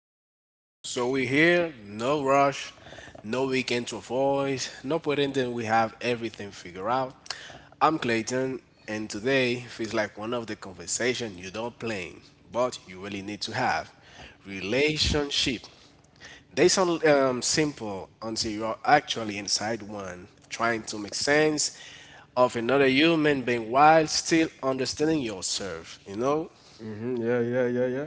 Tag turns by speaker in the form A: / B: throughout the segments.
A: right, so we here, no rush, no weekend to avoid, no pretending we have everything figured out. I'm Clayton, and today feels like one of the conversation you don't plan, but you really need to have. Relationship. They sound simple until you're actually inside one, trying to make sense of another human being while still understanding yourself, you know?
B: Yeah, yeah, yeah, yeah.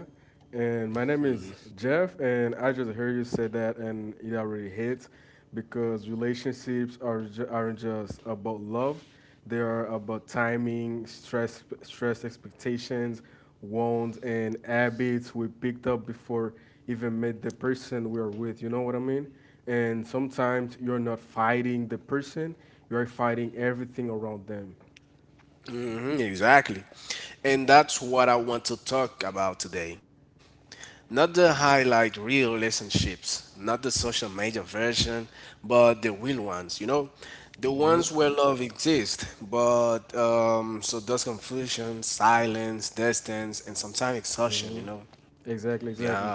B: And my name is Jeff, and I just heard you say that, and it already hits because relationships are aren't just about love; they are about timing, stress expectations, wants, and habits we picked up before even met the person we are with. You know what I mean? And sometimes you're not fighting the person; you're fighting everything around them.
A: Mhm, exactly. And that's what I want to talk about today. Not the highlight real relationships, not the social media version, but the real ones, you know? The
B: Mm-hmm.
A: ones where love exists, but so does confusion, silence, distance, and sometimes exhaustion,
B: hmm
A: you know?
B: Exactly,
A: Yeah.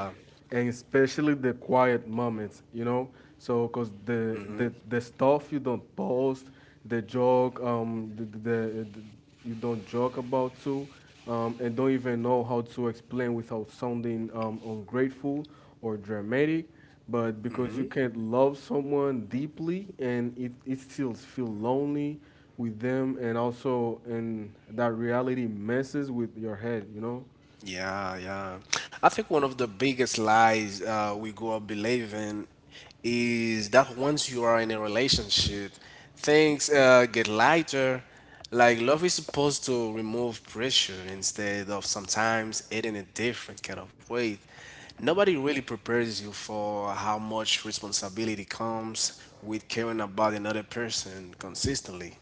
B: and especially the quiet moments, you know. Cause the stuff you don't post, the joke, the- you don't joke about too, and don't even know how to explain without sounding ungrateful or dramatic. But because you can't love someone deeply, and it still feel lonely with them, and also and that reality messes with your head, you know.
A: Yeah, yeah. I think one of the biggest lies we grow up believing is that once you are in a relationship, things get lighter. Like love is supposed to remove pressure instead of sometimes adding a different kind of weight. Nobody really prepares you for how much responsibility comes with caring about another person consistently.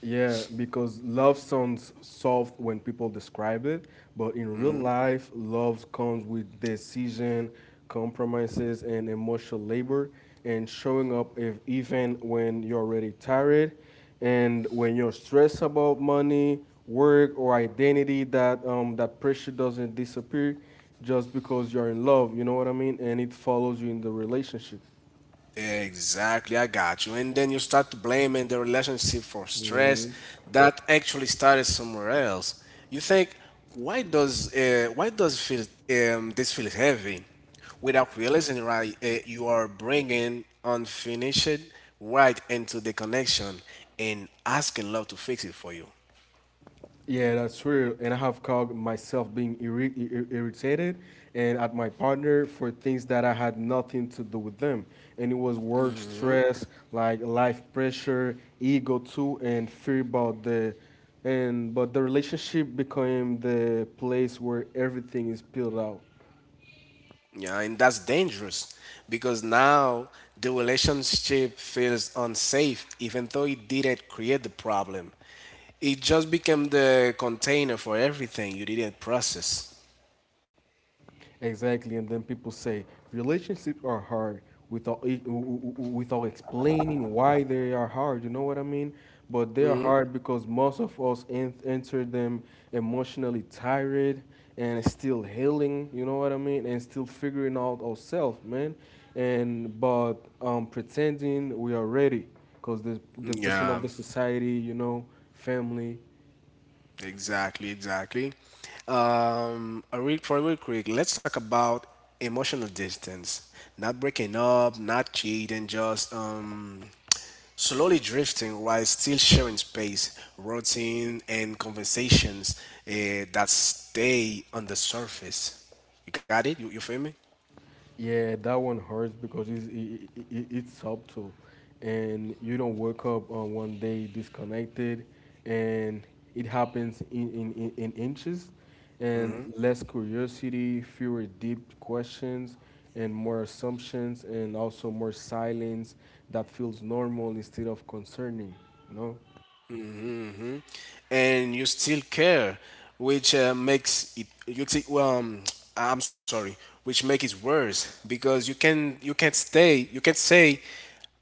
B: Yeah, because love sounds soft when people describe it, but in real life, love comes with decision, compromises, and emotional labor, and showing up if, even when you're already tired, and when you're stressed about money, work, or identity. That pressure doesn't disappear just because you're in love. You know what I mean? And it follows you in the relationship.
A: Exactly, I got you. And then you start blaming the relationship for stress
B: Mhm.
A: that actually started somewhere else. You think, why does feel this feel heavy, without realizing right, you are bringing unfinished right into the connection and asking love to fix it for you.
B: Yeah, that's real. And I have caught myself being irritated and at my partner for things that I had nothing to do with them. And it was work stress, like life pressure, ego too, and fear about the. And but the relationship became the place where everything is peeled out.
A: Yeah, and that's dangerous because now the relationship feels unsafe, even though it didn't create the problem. It just became the container for everything you didn't process.
B: Exactly, and then people say relationships are hard without without explaining why they are hard. You know what I mean? But they are hard because most of us enter them emotionally tired and still healing. You know what I mean? And still figuring out ourselves, man. And but pretending we are ready because the person
A: Yeah,
B: of the society, you know, family.
A: exactly, exactly. A real for real quick, let's talk about emotional distance. Not breaking up, not cheating, just slowly drifting while still sharing space, routine, and conversations that stay on the surface. You got it? You feel me?
B: Yeah, that one hurts because it's subtle, and you don't wake up on one day disconnected, and it happens in inches, and less curiosity, fewer deep questions, and more assumptions, and also more silence that feels normal instead of concerning, you know?
A: And you still care, which makes it you t- I'm sorry, which make it worse because you can't say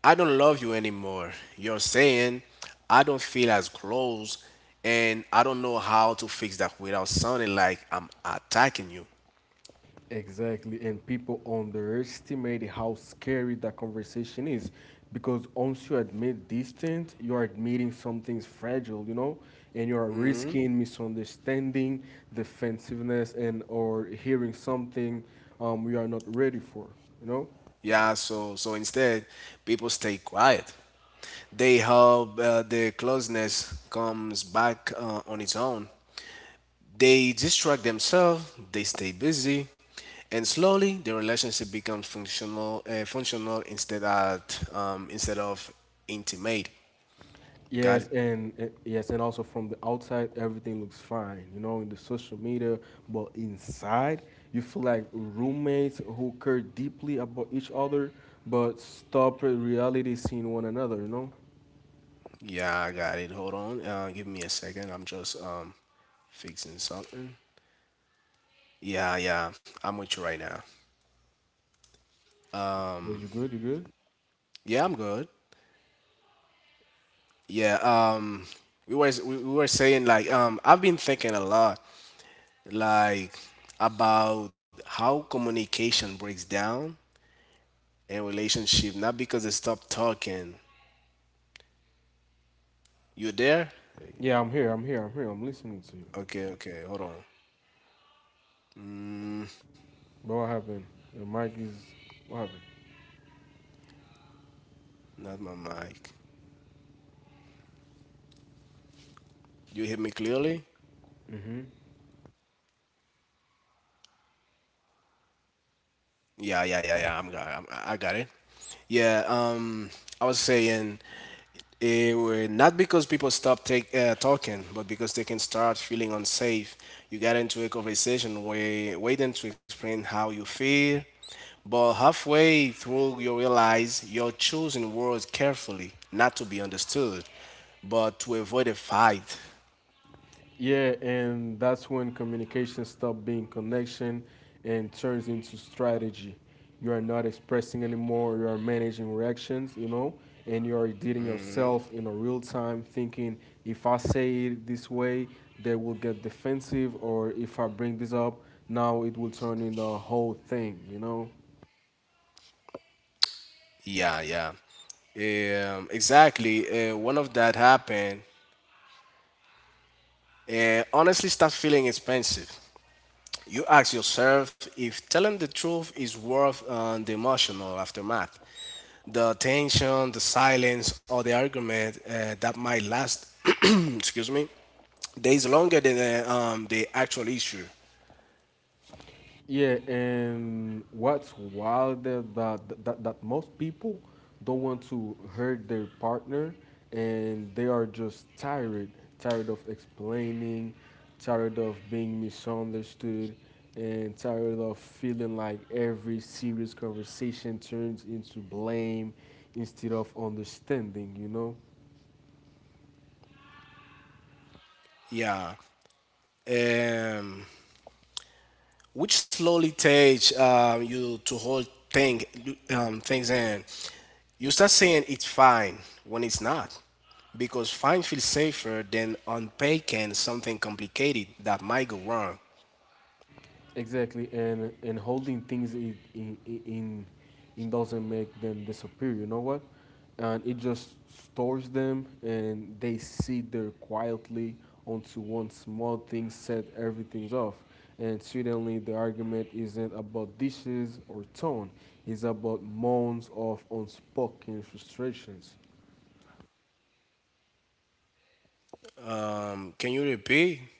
A: I don't love you anymore. You're saying I don't feel as close and I don't know how to fix that without sounding like I'm attacking you.
B: Exactly, and people underestimate how scary that conversation is because once you admit distance, you're admitting something's fragile, you know, and you're risking misunderstanding, defensiveness, and or hearing something we are not ready for, you know.
A: Yeah, so instead people stay quiet. They help the closeness comes back on its own. They distract themselves, they stay busy, and slowly the relationship becomes functional instead of intimate. You got it?
B: Yes, and also from the outside, everything looks fine, you know, in the social media. But inside, you feel like roommates who care deeply about each other, but stop at reality seeing one another, you know.
A: Yeah, I got it. Hold on, give me a second. I'm just fixing something. Yeah, yeah, I'm with you right now.
B: But you good? You good?
A: Yeah, I'm good. Yeah, we were saying like I've been thinking a lot like about how communication breaks down and relationship, not because they stopped talking. You there?
B: Yeah, I'm here. I'm here. I'm here. I'm listening to you.
A: Okay, okay, hold on.
B: But what happened? Your mic is what happened?
A: Not my mic. You hear me clearly?
B: Mm-hmm.
A: Yeah, yeah, yeah, yeah. I got it. Yeah. I was saying it were not because people stop talking, but because they can start feeling unsafe. You get into a conversation where waiting to explain how you feel, but halfway through you realize you're choosing words carefully, not to be understood, but to avoid a fight.
B: Yeah, and that's when communication stops being connection and turns into strategy. You are not expressing anymore, you are managing reactions, you know, and you are dealing yourself in a real time thinking if I say it this way, they will get defensive, or if I bring this up, now it will turn in the whole thing, you know?
A: Yeah, yeah. Exactly. One of that happened. Honestly, start feeling expensive. You ask yourself if telling the truth is worth the emotional aftermath, the tension, the silence, or the argument that might last, excuse me, days longer than the actual issue.
B: Yeah, and what's wild that most people don't want to hurt their partner, and they are just tired, tired of explaining, tired of being misunderstood, and tired of feeling like every serious conversation turns into blame instead of understanding. You know.
A: Yeah. Um, which slowly takes you to hold things in. You start saying it's fine when it's not because fine feels safer than unpacking something complicated that might go wrong.
B: Exactly, and holding things in doesn't make them disappear. You know what? And it just stores them, and they sit there quietly onto one small thing set everything's off. And suddenly, the argument isn't about dishes or tone; it's about moans of unspoken frustrations.
A: Can you repeat?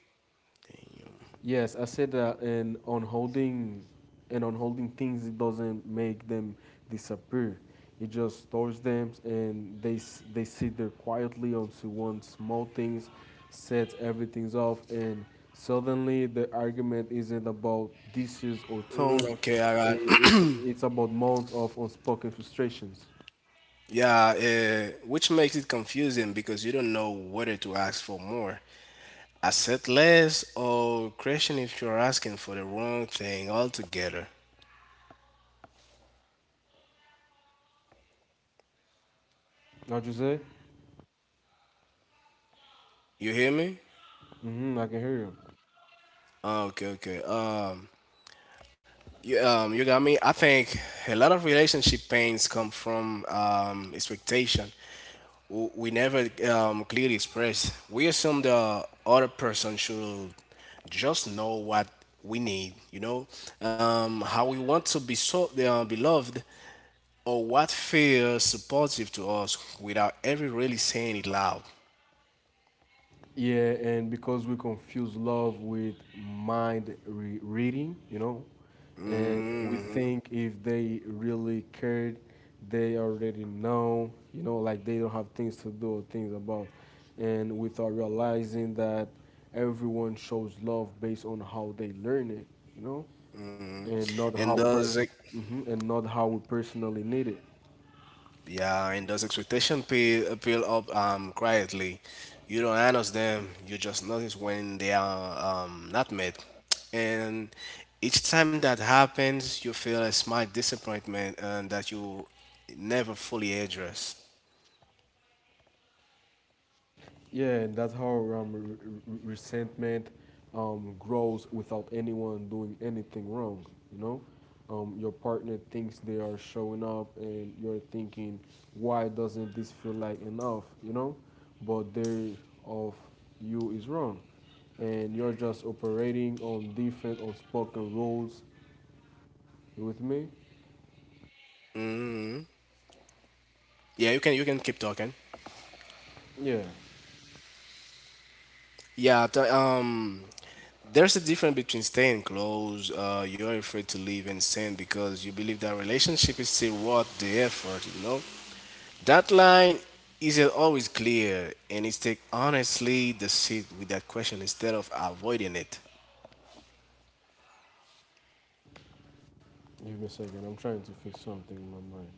B: Yes, I said that, and on holding things, it doesn't make them disappear. It just stores them, and they sit there quietly onto one small things, sets everything off, and suddenly the argument isn't about dishes or tone.
A: Mm. Okay, all
B: I i
A: right.
B: i- it's about months of unspoken frustrations.
A: Yeah, which makes it confusing because you don't know whether to ask for more, accept less, or question if you're asking for the wrong thing altogether.
B: How'd you say?
A: You hear me?
B: Mm-hmm, I can hear you.
A: Ah, okay, okay. You got me. I think a lot of relationship pains come from expectation. We never clearly express. We assume the other person should just know what we need, how we want to be so beloved, or what feels supportive to us, without ever really saying it loud.
B: Yeah, and because we confuse love with mind reading, you know, and we think if they really cared, they already know, you know, like they don't have things to do or things about. And without realizing that everyone shows love based on how they learn it, you know, and not
A: And does.
B: and not how we personally need it.
A: Yeah, and those expectation peel up quietly. You don't notice them. You just notice when they are not met. And each time that happens, you feel a small disappointment and that you never fully address.
B: Yeah, and that's how resentment grows without anyone doing anything wrong. You know, your partner thinks they are showing up, and you're thinking, why doesn't this feel like enough? You know, but their of you is wrong, and you're just operating on different unspoken rules. You with me?
A: Yeah, you can keep talking.
B: Yeah.
A: Yeah, there's a difference between staying close. You're afraid to leave and send because you believe that relationship is still worth the effort. You know, that line isn't always clear, and it's take honestly the sit with that question instead of avoiding it.
B: Give me a second. I'm trying to fix something in my mind.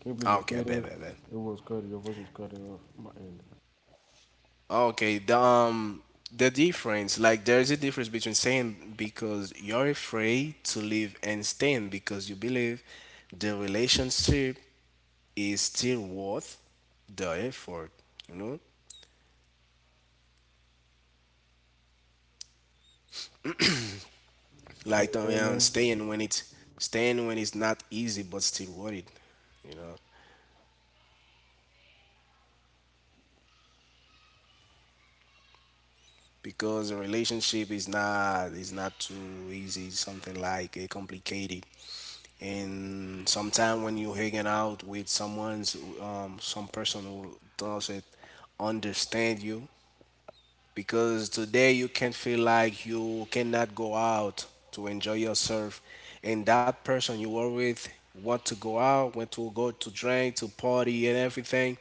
B: Can you please
A: Okay,
B: repeat
A: bad,
B: it?
A: bad, bad.
B: It was cut. Your voice was cutting off my end.
A: Okay, the difference, like there's a difference between saying because you're afraid to leave and staying because you believe the relationship is still worth the effort. You know,
B: Can
A: like
B: you hear
A: the
B: me?
A: staying when it's not easy but still worth it. You know, because a relationship is not too easy, something like complicated, and sometimes when you're hanging out with some person who doesn't understand you, because today you can feel like you cannot go out to enjoy yourself, and that person you were with want to go to drink, to party and everything,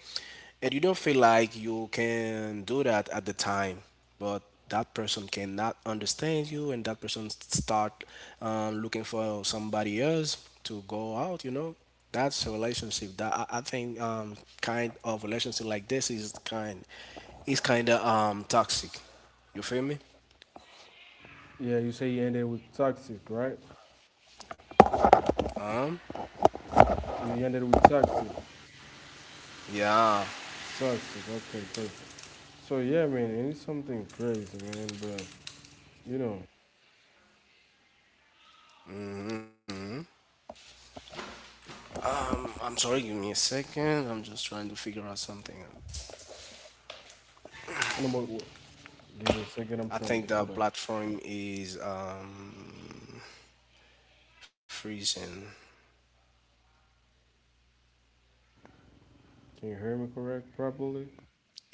A: and you don't feel like you can do that at the time, but that person cannot understand you and that person start looking for somebody else to go out, you know. That's a relationship that I think kind of relationship like this is kind of toxic. You feel me?
B: Yeah, you say you ended with toxic, right? You ended with toxic.
A: Yeah.
B: Toxic. Okay, perfect. So yeah, man, it is something crazy, man. But you know,
A: I'm sorry, give me a second. I'm just trying to figure out something.
B: I don't know what. Give me a second. I'm
A: I
B: trying.
A: think
B: What
A: the
B: up?
A: platform is freezing.
B: Can you hear me correct properly?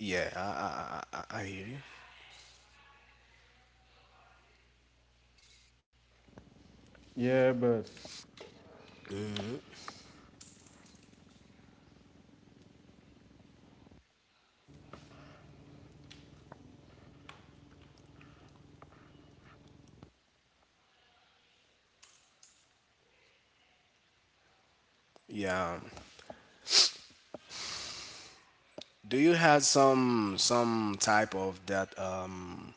A: Yeah, I hear you.
B: Yeah, but
A: Yeah. Do you have some type of that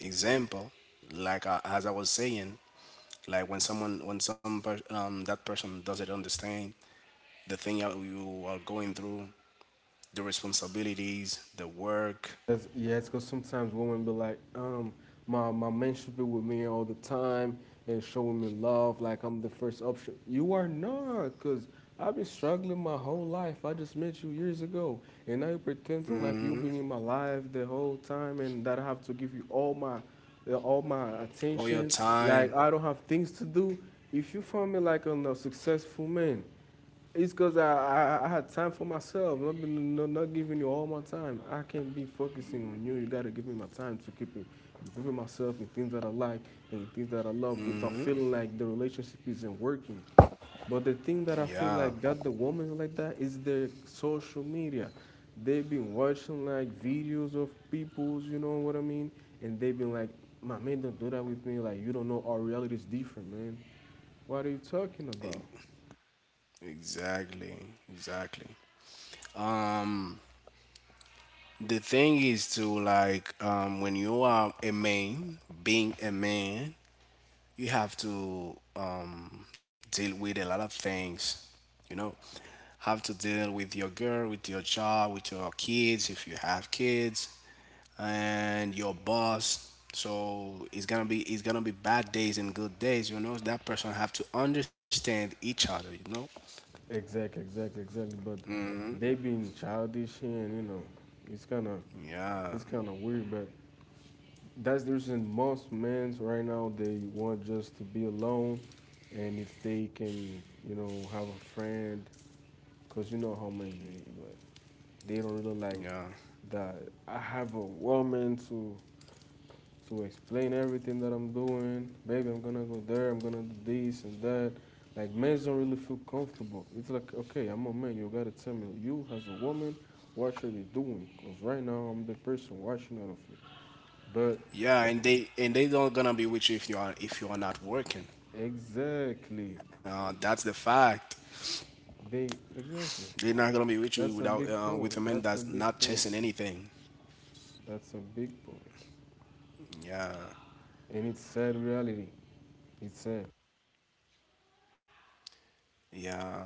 A: example? Like I, as I was saying, like when someone when some per, that person doesn't understand the thing that you are going through, the responsibilities, the work,
B: yes, yes, because sometimes women be like, my man should be with me all the time and show me love, like I'm the first option. You are not, because I've been struggling my whole life. I just met you years ago, and now you're pretending like you've been in my life the whole time, and that I have to give you all my
A: all your
B: attention.
A: time.
B: Like I don't have things to do. If you find me like a successful man, it's cause I had time for myself. Not been not, not giving you all my time. I can't be focusing on you. You gotta give me my time to keep improving myself in things that I like and in things that I love without feeling like the relationship isn't working. But the thing that I feel
A: Yeah,
B: like got the women like that is their social media. They've been watching like videos of people's, you know what I mean? And they've been like, my man, don't do that with me. Like you don't know our reality is different, man. What are you talking about?
A: exactly, exactly. The thing is to like when you are a man, being a man, you have to deal with a lot of things, you know, have to deal with your girl, with your job, with your kids if you have kids, and your boss. So it's gonna be bad days and good days, you know. That person have to understand each other, you know.
B: Exactly, exactly, exactly. But they being childish here, and you know, it's kind of
A: Yeah,
B: it's kind of weird. But that's the reason most men's right now they want just to be alone, and if they can, you know, have a friend, cause you know how men's be, but they don't really like
A: yeah,
B: that. I have a woman to explain everything that I'm doing. Baby, I'm gonna go there, I'm gonna do this and that. Like men don't really feel comfortable. It's like, okay, I'm a man, you gotta tell me, you as a woman, what are you doing? Because right now I'm the person watching out of you. But
A: yeah, and they don't gonna be with you if you are not working,
B: exactly,
A: that's the fact.
B: they, exactly.
A: They're not gonna be with you
B: That's a
A: without
B: big
A: with a
B: point.
A: man
B: That's a
A: that's
B: big
A: not
B: point.
A: chasing anything.
B: That's a big point.
A: Yeah,
B: And it's sad reality. It's sad.
A: yeah.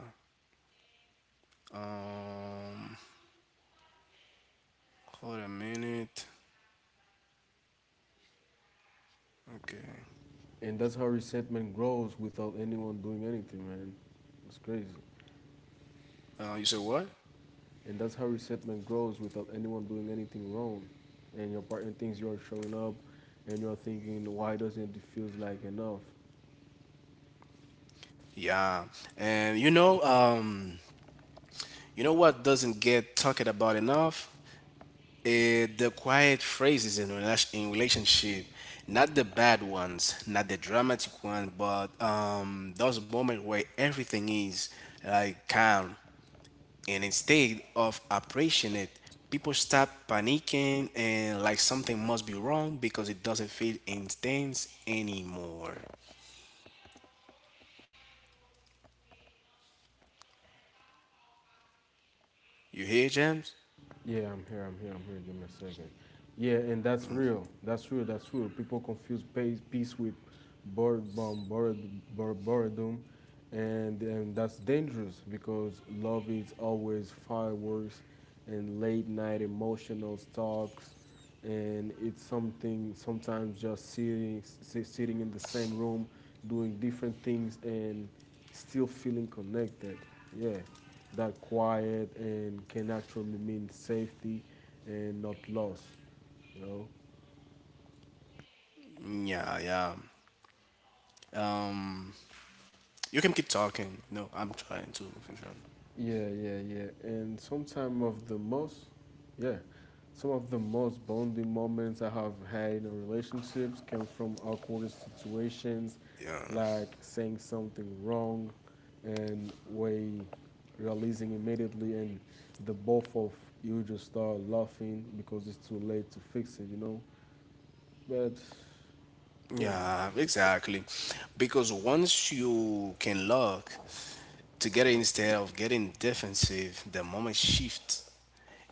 A: Hold a minute. Okay.
B: And that's how resentment grows without anyone doing anything, man. It's crazy.
A: You said what?
B: And that's how resentment grows without anyone doing anything wrong. And your partner thinks you're showing up, and you're thinking, why doesn't it feel like enough?
A: Yeah, and you know what doesn't get talked about enough? The quiet phrases in relationship, not the bad ones, not the dramatic ones, but those moments where everything is like calm, and instead of appreciating it people start panicking and like something must be wrong because it doesn't feel intense anymore. You hear, James?
B: Yeah, I'm here. I'm here. I'm here. Give me a second. Yeah, and that's real. That's real. That's real. People confuse peace with bored, um, bored, bored, boredom, and that's dangerous because love is always fireworks and late night emotional talks, and it's something sometimes just sitting in the same room, doing different things and still feeling connected. Yeah, that quiet and can actually mean safety and not loss, you know?
A: Yeah, yeah, you can keep talking. No, I'm trying to.
B: Yeah, yeah, yeah. And sometimes of the most, yeah, some of the most bonding moments I have had in a relationships came from awkward situations,
A: Yeah,
B: like saying something wrong, and we realizing immediately, and the both of you just start laughing because it's too late to fix it, you know. But crazy.
A: yeah, exactly, because once you can look together instead of getting defensive the moment shifts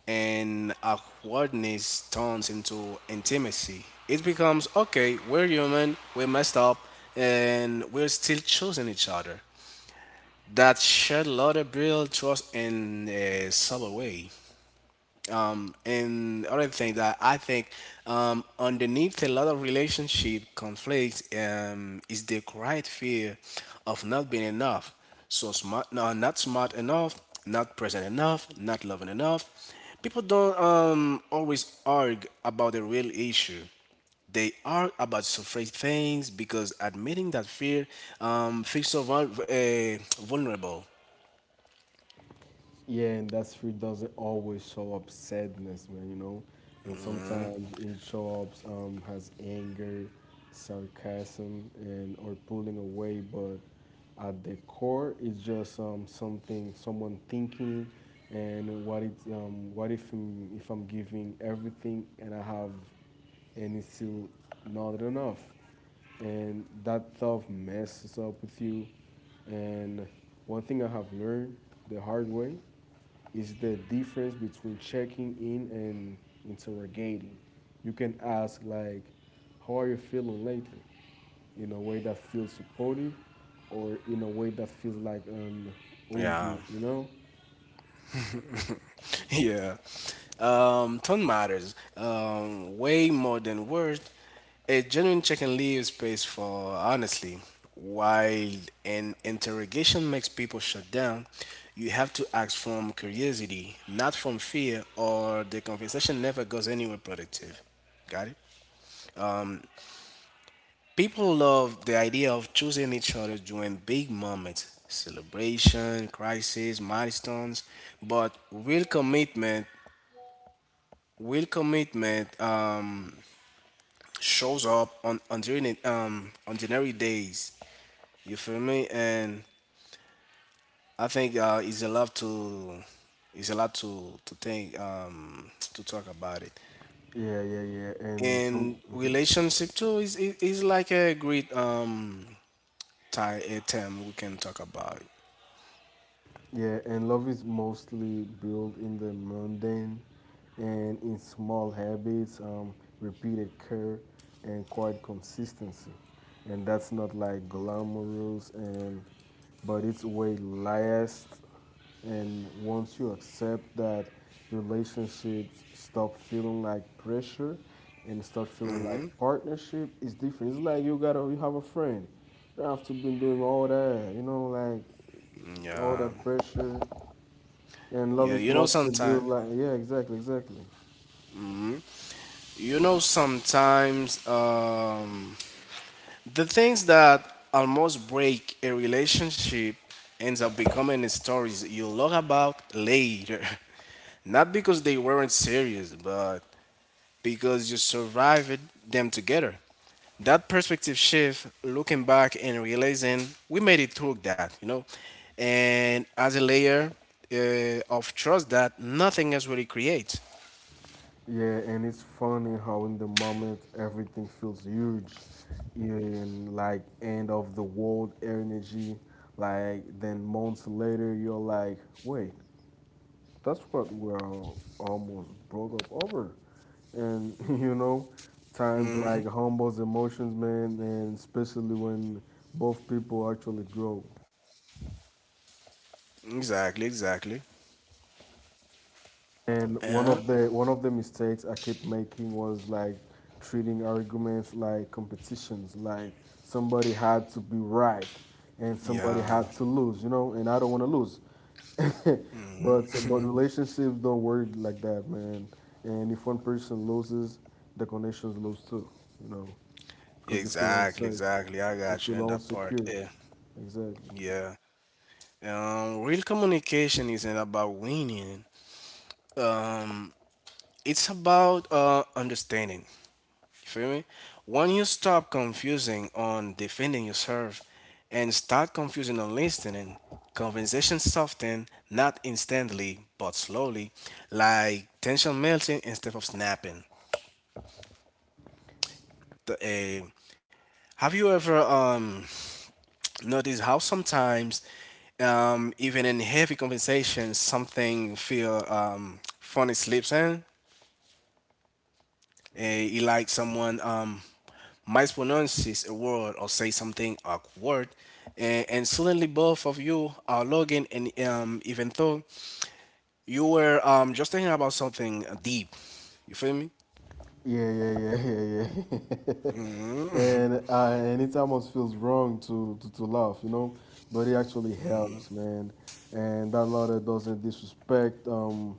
A: and awkwardness turns into intimacy. It becomes okay, we're human, we messed up, and we're still choosing each other. That shared love build trust in a subtle way. And other thing that I think underneath a lot of relationship conflicts is the quiet fear of not being enough. So smart, no, not smart enough, not present enough, not loving enough. People don't always argue about the real issue. They argue about surface things because admitting that fear feels so vulnerable.
B: Yeah, and that street doesn't always show up sadness, man, you know? And sometimes it shows up as anger, sarcasm, and or pulling away, but at the core, it's just someone thinking, and what it's, what if I'm giving everything and I have, and it's still not enough? And that thought messes up with you. And one thing I have learned the hard way is the difference between checking in and interrogating. You can ask like, "How are you feeling lately?" in a way that feels supportive, or in a way that feels like an "Oh,
A: Yeah.
B: dude," you know?
A: Yeah. Tone matters way more than words. A genuine check-in leaves space for honestly. While an interrogation makes people shut down, you have to act from curiosity, not from fear, or the conversation never goes anywhere productive. Got it? People love the idea of choosing each other during big moments, celebration, crisis, milestones, but real commitment Will commitment shows up on during ordinary days. You feel me? And I think it's a lot to think to talk about it.
B: Yeah, yeah, yeah. And some.
A: And
B: Mhm.
A: relationship too is like a great tie a term we can talk about.
B: Yeah, and love is mostly built in the mundane and in small habits, repeated care, and quiet consistency. And that's not like glamorous, and but it's way last. And once you accept that, relationships stop feeling like pressure and start feeling like partnership is different. It's like you have a friend. You don't have to be doing all that, like all
A: Yeah,
B: that pressure, and love
A: yeah.
B: is
A: You know
B: mostly
A: sometimes,
B: built like, yeah, exactly, exactly,
A: you know sometimes um the things that almost break a relationship ends up becoming stories you'll about later. Not because they weren't serious, but because you survived them together. That perspective shift, looking back and realizing we made it through that, you know, and as a layer of trust that nothing else really creates.
B: yeah. And it's funny how in the moment everything feels huge, in like end of the world energy, like then months later you're like, wait, that's what we're almost broke up over. And times like humbles emotions, man, and especially when both people actually grow.
A: Exactly, exactly.
B: And one
A: Uh,
B: of the one of the mistakes I kept making was like treating arguments like competitions, like somebody had to be right and somebody
A: yeah,
B: had to lose, and I don't want to lose. But relationships don't work like that, man. And if one person loses, the connections lose too, you know,
A: yeah,
B: because you feel
A: exactly,
B: unsafe,
A: exactly. I
B: you
A: got you in
B: feel
A: that part.
B: insecure.
A: Yeah,
B: Exactly.
A: yeah. Real communication isn't about winning. It's about understanding. You feel me? When you stop confusing on defending yourself and start confusing on listening, conversation soften not instantly but slowly, like tension melting instead of snapping. The, uh, have you ever noticed how sometimes even in heavy conversation something feel funny slips in? He like someone mispronounces a word or say something awkward, and suddenly both of you are logging, and even though you were just thinking about something deep, you feel me?
B: Yeah, yeah, yeah, yeah, yeah. and it almost feels wrong to, to laugh, but it actually helps, man. And that letter doesn't disrespect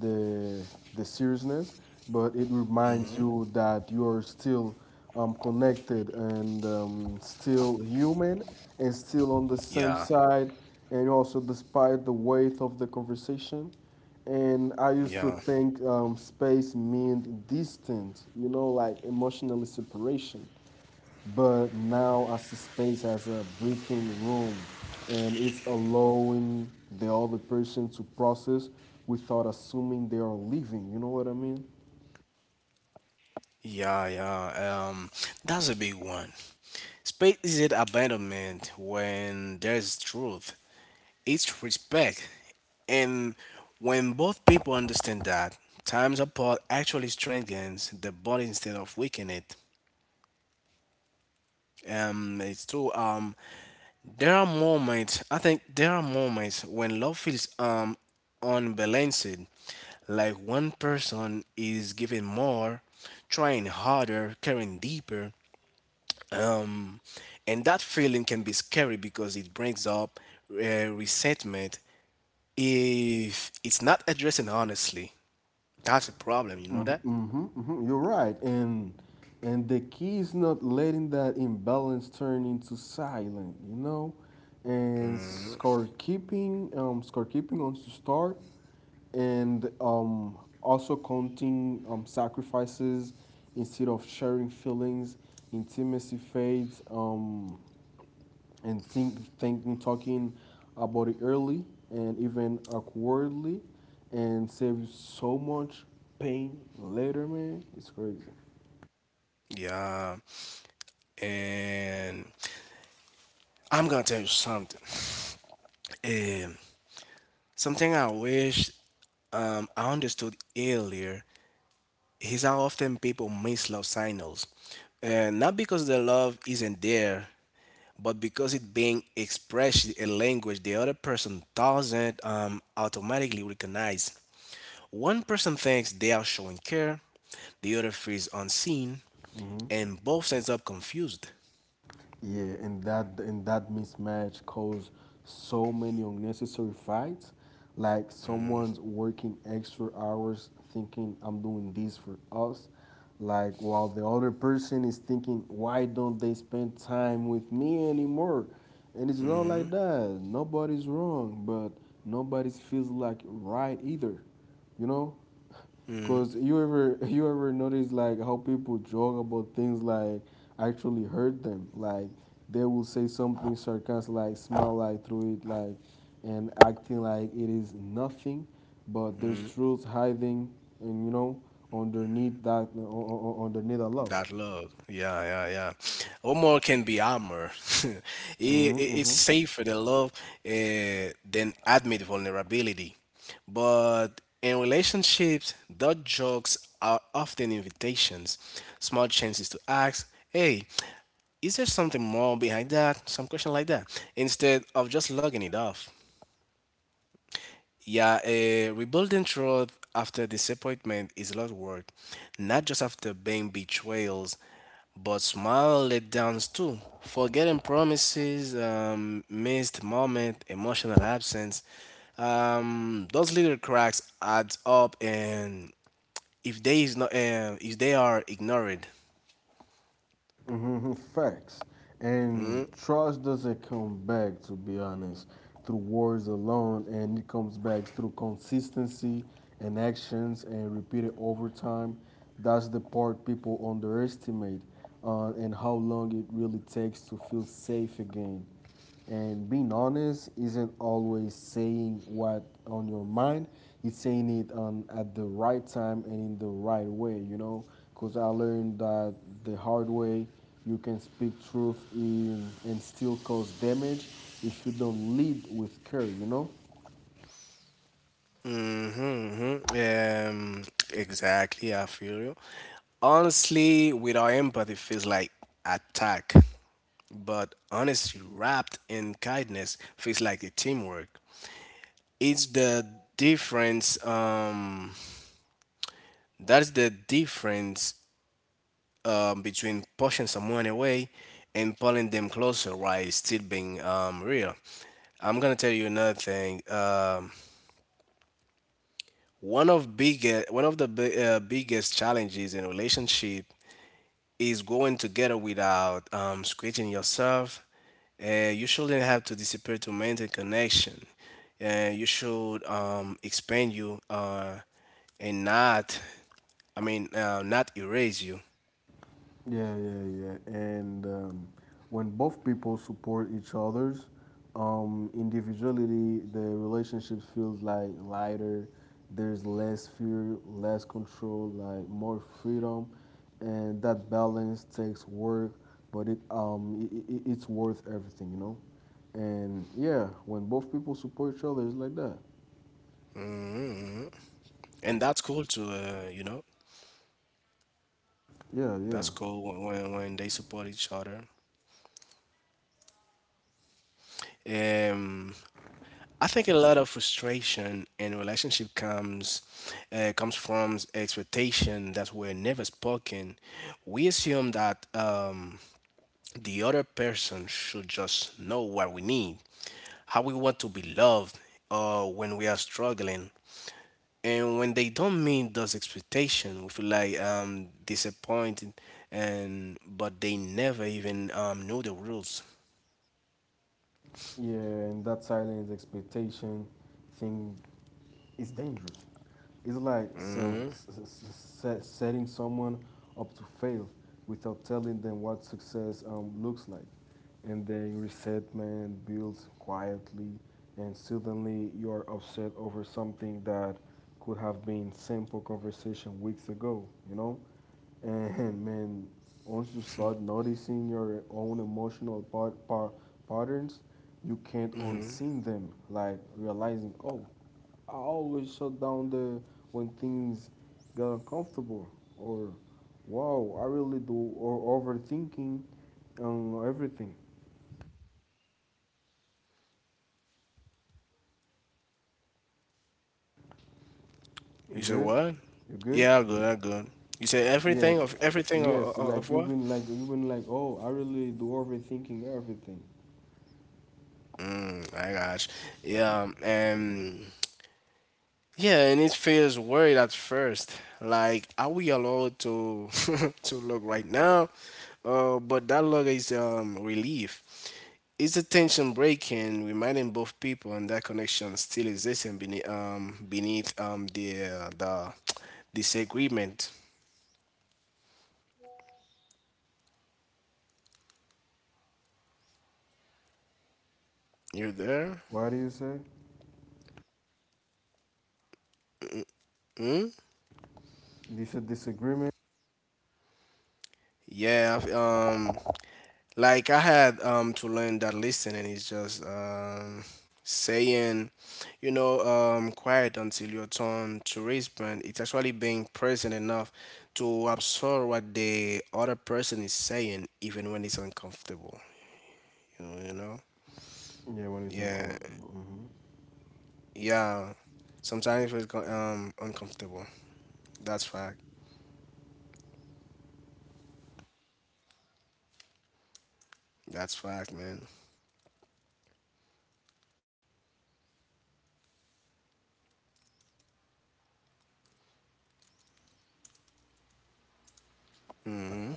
B: the the seriousness, but it reminds you that you are still connected and still human and still on the same
A: Yeah,
B: side, and also despite the weight of the conversation. And I used to
A: yeah,
B: think, space meant distance, like emotional separation. But now I see space as a breathing room, and it's allowing the other person to process without assuming they are leaving. You know what I mean?
A: yeah, yeah. That's a big one. Space is it abandonment when there's truth, it's respect. And when both people understand that, times apart actually strengthens the bond instead of weaken it. It's true. There are moments. I think there are moments when love feels unbalanced, like one person is giving more, trying harder, caring deeper, and that feeling can be scary because it brings up resentment if it's not addressed honestly. That's a problem. You know that?
B: Mm-hmm, hmm. You're right, and the key is not letting that imbalance turn into silent, and score keeping on to start, and also counting sacrifices instead of sharing feelings. Intimacy fades. And thinking, talking about it early and even awkwardly and save you so much pain later, man. It's crazy.
A: Yeah. And I'm gonna tell you something. Um, Something I wish I understood earlier is how often people miss love signals, and not because the love isn't there, but because it being expressed in language the other person doesn't automatically recognize. One person thinks they are showing care, the other feels unseen,
B: Hmm,
A: and both ends up confused.
B: yeah, and that mismatch caused so many unnecessary fights. Like, someone's working extra hours thinking, I'm doing this for us. Like, while the other person is thinking, why don't they spend time with me anymore? And it's not like that. Nobody's wrong, but nobody feels like right either. You know? 'Cause you ever you ever notice like how people joke about things like actually hurt them. Like they will say something sarcastic like smile like through it like and acting like it is nothing, but there's truth hiding, and underneath that love.
A: That love, yeah, yeah, yeah. Omar can be armor. it, it,
B: Mm-hmm,
A: it's
B: mm-hmm.
A: safer than love than admit vulnerability. But in relationships, dot jokes are often invitations, small chances to ask, "Hey, is there something more behind that?" Some question like that, instead of just logging it off. Yeah, rebuilding trust after disappointment is a lot of work, not just after being betrayals, but small letdowns too. Forgetting promises, missed moment, emotional absence. Those little cracks add up, and if they is not, if they are ignored,
B: Hmm. Facts. And trust doesn't come back, to be honest, through words alone, and it comes back through consistency and actions and repeated over time. That's the part people underestimate, and how long it really takes to feel safe again. And being honest isn't always saying what on your mind. It's saying it on at the right time and in the right way. Because I learned that the hard way. You can speak truth in and still cause damage if you don't lead with care.
A: mm-hmm. Exactly, I feel you. Honestly, without empathy, feels like attack, but honesty wrapped in kindness feels like a teamwork. It's the difference. That's the difference between pushing someone away and pulling them closer while still being real. I'm gonna tell you another thing. One of the biggest challenges in relationship is going together without scratching yourself. You shouldn't have to disappear to maintain connection. You should expand you and not, I mean, not erase you.
B: Yeah, yeah, yeah. And when both people support each other's individuality, the relationship feels like lighter. There's less fear, less control, like more freedom, and that balance takes work, but it I it's worth everything. And yeah, when both people support each other, it's like that.
A: And that's cool too, you know.
B: Yeah,
A: That's
B: yeah.
A: cool when, when they support each other. Um, I think a lot of frustration in relationship comes comes from expectation that were never spoken. We assume that. The other person should just know what we need, how we want to be loved when we are struggling. And when they don't meet those expectations, we feel like disappointed, and but they never even know the rules.
B: Yeah, and that silence expectation thing is dangerous. It's like some, s- s- s- set- setting someone up to fail without telling them what success looks like. And then resentment builds quietly, and suddenly you're upset over something that could have been simple conversation weeks ago, you know? And man, once you start noticing your own emotional part, par patterns, you can't unseen them. Like realizing, oh, I always shut down the when things get uncomfortable, or wow, I really do, or overthinking on everything. You
A: You say
B: good?
A: what?
B: You good?
A: Yeah, I'm good. I'm good. You say
B: Yes,
A: everything
B: yes. Like
A: of
B: you've
A: what?
B: been like you've been like, oh, I really do overthinking everything.
A: I gosh, yeah, and yeah, and it feels weird at first. Like, are we allowed to to look right now? But that look is relief. It's a tension breaking, reminding both people, and that connection still exists beneath beneath the disagreement. You there?
B: What do you say?
A: Hmm?
B: This a disagreement.
A: Yeah. Like I had to learn that listening is just saying, you know, quiet until your turn to respond. It's actually being present enough to absorb what the other person is saying even when it's uncomfortable. You know, you know?
B: Yeah, when it's
A: Yeah.
B: uncomfortable. Hmm.
A: Yeah. Sometimes it's uncomfortable. That's fact. That's fact, man. Hmm?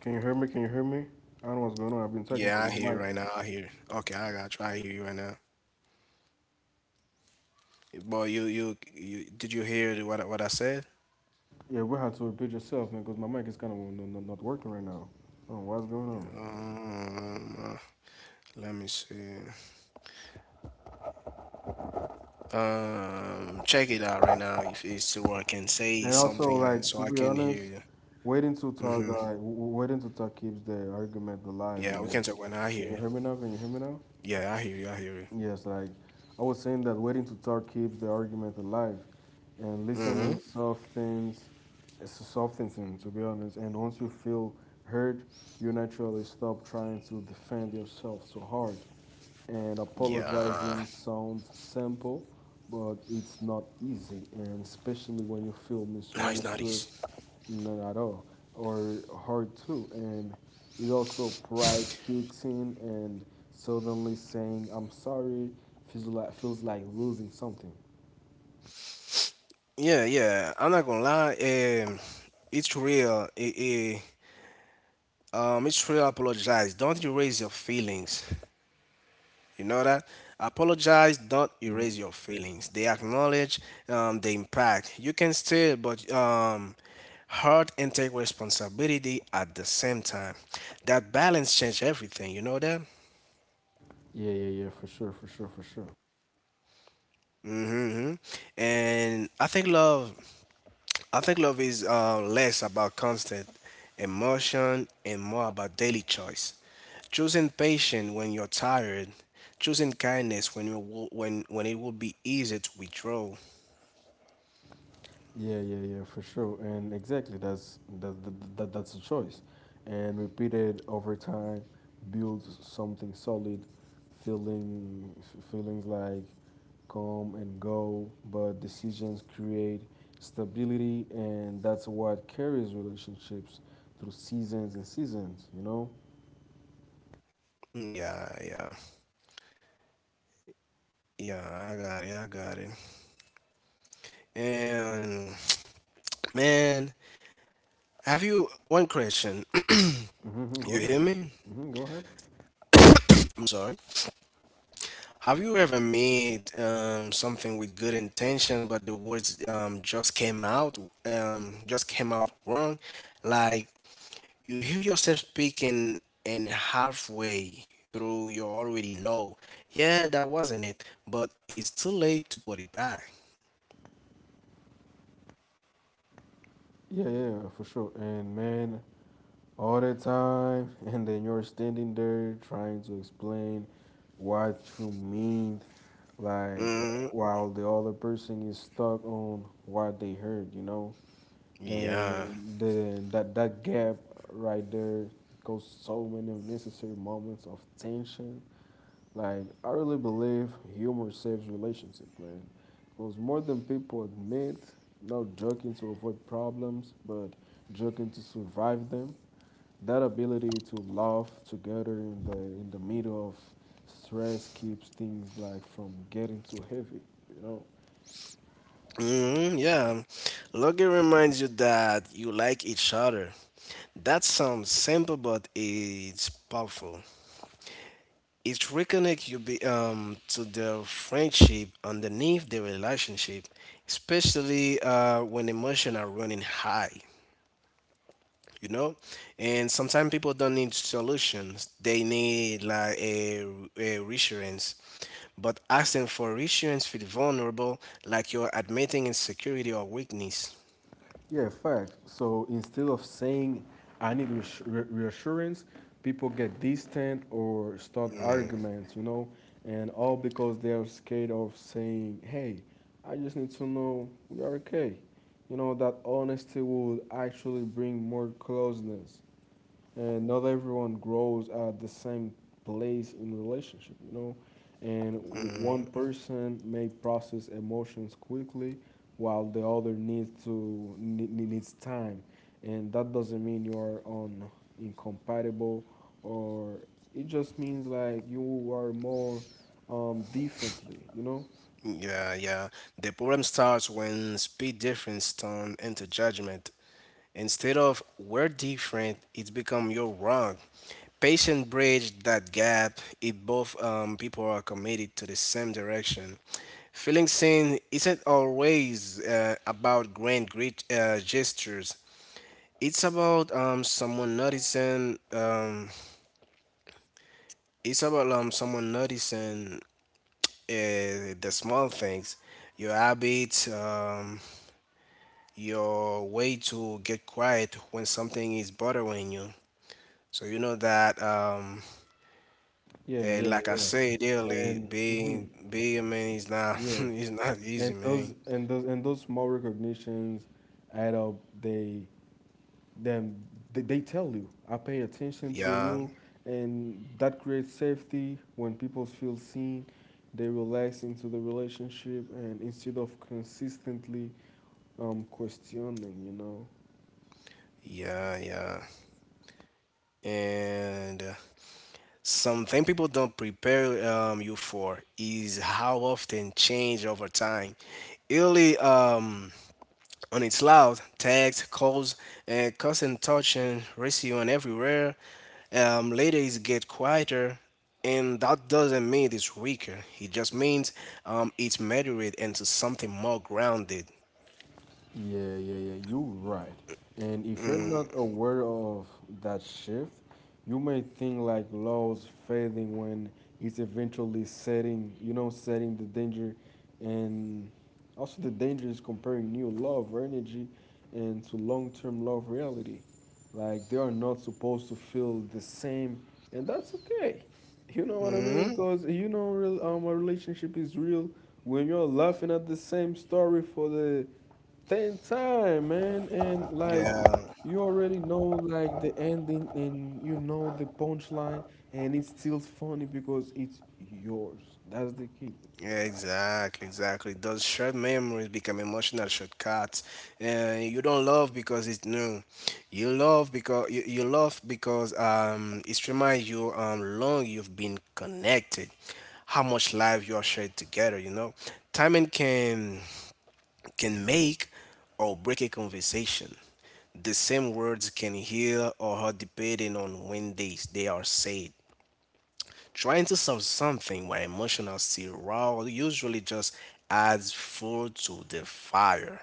B: Can you hear me? Can you hear me? I don't know what's going on. I've been talking
A: Yeah,
B: but
A: I hear
B: my
A: you
B: mic.
A: right now. I hear you. Okay, I got you. I hear you right now. Boy, you did you hear what I said?
B: Yeah, we had to repeat yourself, man, because my mic is kind of no, no, not working right now. Oh, what's going on?
A: Um, uh, Let me see. Check it out right now if it's still working. Say
B: And also,
A: something like,
B: like,
A: so
B: to
A: I
B: be
A: can hear
B: honest,
A: you.
B: waiting to talk, like w- w- waiting to talk keeps the argument alive,
A: Yeah, we
B: man.
A: can talk when I hear
B: Can you
A: you.
B: hear me now? Can you hear me now?
A: Yeah, I hear you. I hear you.
B: Yes, like I was saying that waiting to talk keeps the argument alive, and
A: Mm-hmm.
B: listening softens, it's softens him, to be honest. And once you feel heard, you naturally stop trying to defend yourself so hard. And
A: Yeah.
B: apologizing sounds simple, but it's not easy, and especially when you feel
A: No, it's not easy.
B: misunderstood. None at all, or hard too. And it also pride kicks in, and suddenly saying I'm sorry feels like losing something.
A: Yeah, yeah. I'm not gonna lie. Um, it's real. It's real. Apologize. Don't erase your feelings. You know that? Apologize, don't
B: Mhm.
A: erase your feelings. They acknowledge the impact. You can still, but hurt and take responsibility at the same time. That balance change everything. You know that?
B: Yeah, yeah, yeah, for sure, for sure, for sure.
A: Mm-hmm. And I think love is less about constant emotion and more about daily choice. Choosing patience when you're tired, choosing kindness when you will, when it will be easy to withdraw,
B: Yeah, yeah, yeah, for sure. And exactly, that's that, that, that that's a choice. And repeated over time builds something solid. Feelings like come and go, but decisions create stability, and that's what carries relationships through seasons and seasons, you know?
A: yeah, yeah, yeah. I got it. I got it. And man, have you one question?
B: Hmm. Go
A: You
B: ahead.
A: hear me?
B: Hmm. Go ahead.
A: I'm sorry. Have you ever made something with good intention, but the words um, just came out just came out wrong? Like you hear yourself speaking and halfway through, you already know, yeah, that wasn't it, but it's too late to put it back.
B: Yeah, yeah, for sure. And man, all the time. And then you're standing there trying to explain what you mean, like while the other person is stuck on what they heard, you know?
A: Yeah.
B: And then that gap right there goes so many unnecessary moments of tension. Like I really believe humor saves relationship, man, because more than people admit, not joking to avoid problems, but joking to survive them. That ability to laugh together in the middle of stress keeps things like from getting too heavy, you know.
A: Hmm, yeah. Logging reminds you that you like each other. That sounds simple, but it's powerful. It reconnects you to the friendship underneath the relationship, especially when emotions are running high, you know? And sometimes people don't need solutions. They need like a reassurance. But asking for reassurance feels vulnerable, like you're admitting insecurity or weakness.
B: Yeah, fact. So instead of saying, I need reassurance, people get distant or start arguments, and all because they are scared of saying, hey, I just need to know we are okay. That honesty would actually bring more closeness. And not everyone grows at the same place in relationship, and one person may process emotions quickly, while the other needs to ne- ne- needs time. And that doesn't mean you're on incompatible, or it just means like you are more differently.
A: Yeah, yeah. The problem starts when speed difference turn into judgment. Instead of we're different, it's become you're wrong. Patient bridge that gap. It both people are committed to the same direction. Feeling seen isn't always about grand great gestures. It's about someone noticing. It's about someone noticing the small things, your habits, your way to get quiet when something is bothering you. So you know that,
B: Yeah, yeah,
A: like I
B: yeah.
A: said earlier,
B: And hmm,
A: being a man is not
B: yeah,
A: is not easy,
B: and
A: man.
B: those small recognitions add up. They then they, they tell you, I pay attention to
A: Yeah,
B: you, and that creates safety. When people feel seen, they relax into the relationship, and instead of consistently questioning.
A: yeah, yeah. And something people don't prepare you for is how often change over time. Early, on its loud tags, calls, and constant touch and ratio and everywhere. Later it get quieter, and that doesn't mean it's weaker. It just means it's moderate into something more grounded.
B: Yeah, yeah, yeah. You're right. And if you're not aware of that shift, you may think like law's fading when it's eventually setting the danger. And also, the danger is comparing new love or energy and to long term love reality. Like, they are not supposed to feel the same, and that's okay. You know what I mean? Because real, a relationship is real when you're laughing at the same story for the Ten time, man, and like
A: Yeah,
B: you already know like the ending, and you know the punchline, and it's still funny because it's yours. That's the key.
A: yeah, exactly, exactly. Those shared memories become emotional shortcuts. You don't love because it's new. You love because it reminds you long you've been connected, how much life you are shared together. You know, timing can make or break a conversation. The same words can heal or hurt depending on when they are said. Trying to solve something where emotion are still raw usually just adds fuel to the fire.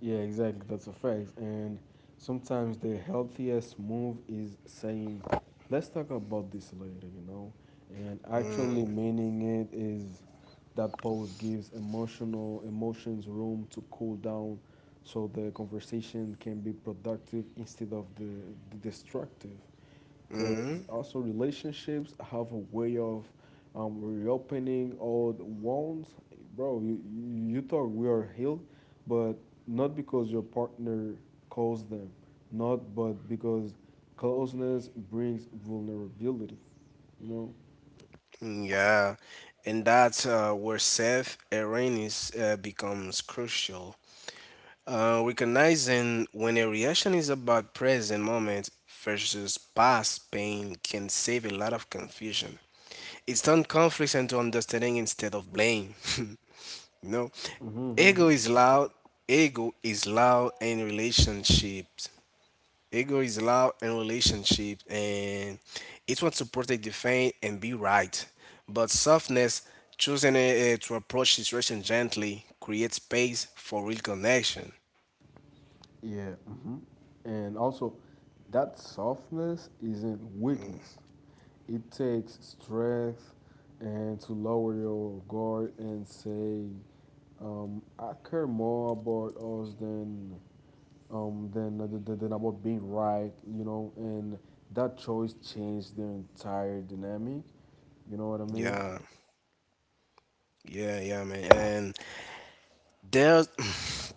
B: Yeah, exactly. That's a fact. And sometimes the healthiest move is saying, let's talk about this later, you know? And actually meaning it is that pause gives emotional emotions room to cool down so the conversation can be productive instead of the destructive, because also relationships have a way of reopening old wounds. Bro, you thought we are healed, but not because your partner caused them, not but because closeness brings vulnerability. You know.
A: Yeah, and that's where self awareness becomes crucial. Recognizing when a reaction is about present moment versus past pain can save a lot of confusion. It's turned conflicts into understanding instead of blame. You know, ego
B: Hmm.
A: is loud. Ego is loud in relationships. Ego is loud in relationships and it wants to protect, defend, and be right. But softness, choosing to approach situation gently, creates space for real connection.
B: Yeah. Hmm. And also, that softness isn't weakness. It takes strength and to lower your guard and say, I care more about us than about being right. And that choice changed the entire dynamic. You know what I mean?
A: Yeah, yeah, yeah, man. And there's,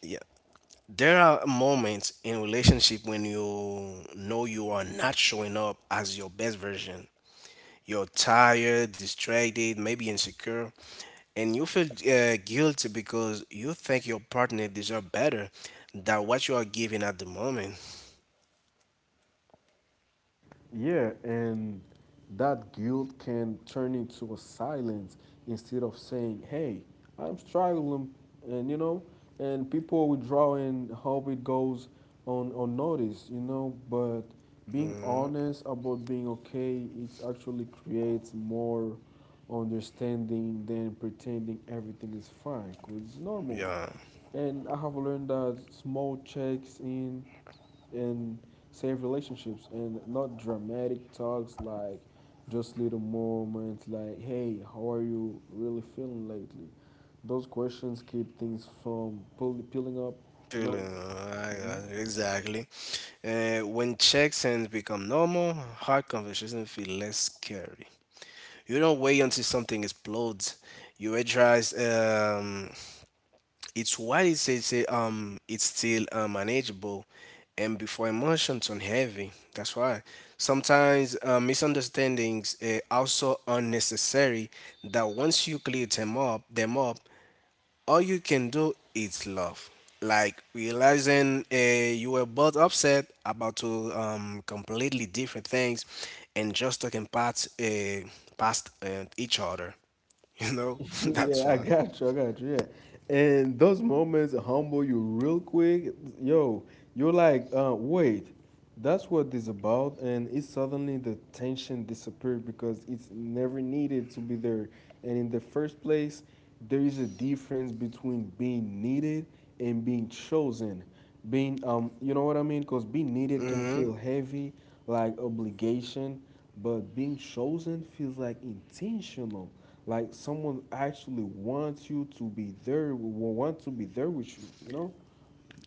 A: yeah, there are moments in relationship when you know you are not showing up as your best version. You're tired, distracted, maybe insecure, and you feel guilty because you think your partner deserves better than what you are giving at the moment.
B: Yeah, and that guilt can turn into a silence instead of saying, "Hey, I'm struggling," and and people withdraw and hope it goes on unnoticed. But being honest about being okay, it actually creates more understanding than pretending everything is fine, 'cause it's normal.
A: Yeah,
B: And I have learned that small checks in and save relationships, and not dramatic talks, like just little moments like, hey, how are you really feeling lately. Those questions keep things from peeling up you
A: feeling
B: know
A: exactly. When checks and become normal, hard conversations feel less scary. You don't wait until something explodes. You address. It's why it's a, it's still manageable, and before emotions on heavy. That's why sometimes misunderstandings are also unnecessary. That once you clear them up, all you can do is love. Like realizing you were both upset about two completely different things, and just talking past past each other. You know, that's
B: yeah, I
A: one.
B: got you. I got you. Yeah, and those moments humble you real quick. Yo, you're like, wait, that's what this about, and it suddenly the tension disappeared because it's never needed to be there. And in the first place, there is a difference between being needed and being chosen, being you know what I mean Because being needed can feel heavy, like obligation, but being chosen feels like intentional, like someone actually wants you to be there, want to be there with you, you know?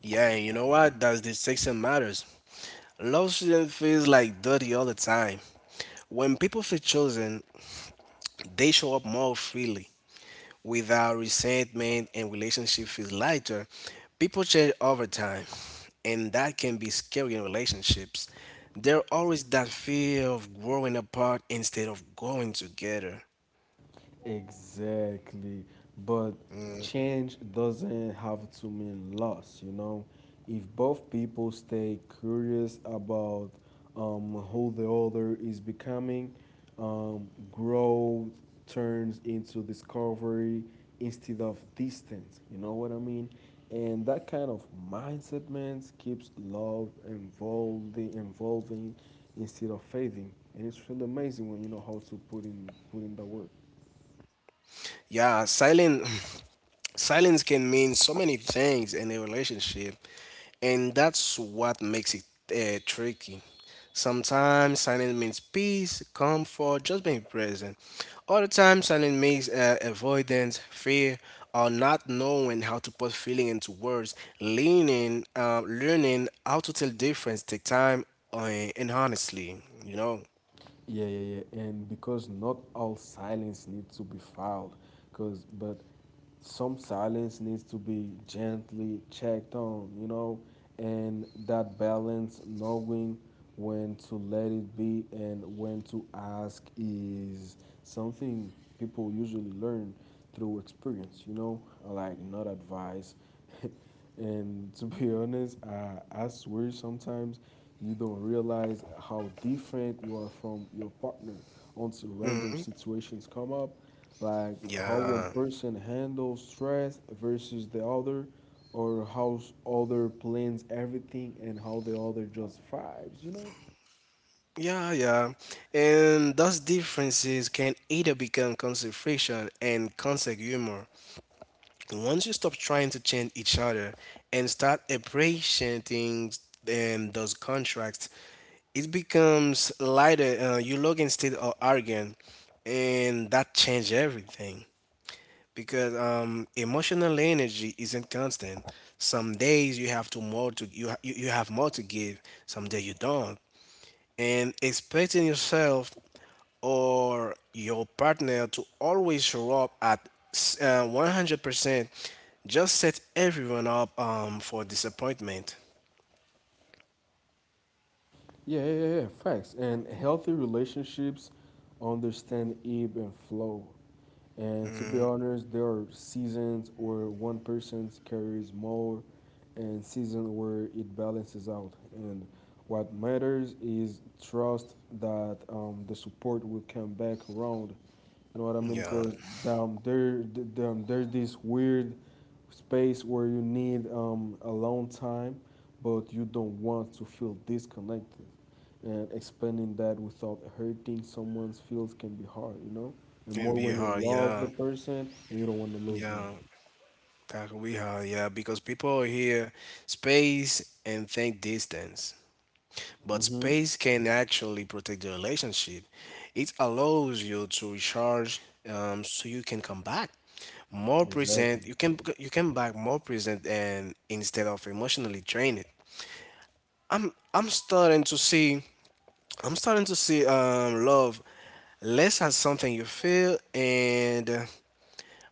A: Yeah, you know what? That's distinction matters. Love shouldn't feel like dirty all the time. When people feel chosen, they show up more freely. Without resentment and relationship feels lighter, people change over time. And that can be scary in relationships. There always that fear of growing apart instead of growing together.
B: Exactly. But change doesn't have to mean loss, you know? If both people stay curious about who the other is becoming, growth turns into discovery instead of distance. You know what I mean? And that kind of mindset, man, keeps love evolving, evolving instead of fading. And it's really amazing when you know how to put in the work.
A: Yeah, silent. Silence can mean so many things in a relationship, and that's what makes it tricky. Sometimes silence means peace, comfort, just being present. Other times, silence means avoidance, fear, or not knowing how to put feeling into words. Learning how to tell difference take time uh, and honestly, you know.
B: Yeah, yeah, yeah. And because not all silence needs to be filed, cause but some silence needs to be gently checked on, you know, and that balance, knowing when to let it be and when to ask, is something people usually learn through experience, you know, like not advice. And to be honest, I swear sometimes you don't realize how different you are from your partner until random situations come up, like how one
A: Yeah.
B: person handles stress versus the other, or how other plans everything and how the other just vibes, you know?
A: Yeah, yeah. And those differences can either become constant friction and constant humor. Once you stop trying to change each other and start appreciating those contracts, it becomes lighter. You log instead of arguing, and that changes everything. Because emotional energy isn't constant. Some days you have to more to you, you have more to give. Some days you don't, and expecting yourself or your partner to always show up at 100% just set everyone up for disappointment.
B: Yeah, yeah, yeah, yeah, facts. And healthy relationships understand ebb and flow. And to be honest, there are seasons where one person carries more and seasons where it balances out. And what matters is trust that the support will come back around. You know what I mean?
A: Yeah,
B: Because there's this weird space where you need a long time, but you don't want to feel disconnected, and expanding that without hurting someone's feels can be hard, you know? And
A: can
B: more
A: be
B: when you
A: hard.
B: love the
A: Yeah,
B: person and you don't want to lose them.
A: yeah, that could be hard. Yeah, because people hear space and think distance. But
B: Mm-hmm.
A: space can actually protect the relationship. It allows you to recharge, so you can come back more
B: Exactly.
A: present. You can back more present and instead of emotionally drained. I'm I'm starting to see I'm starting to see love less as something you feel and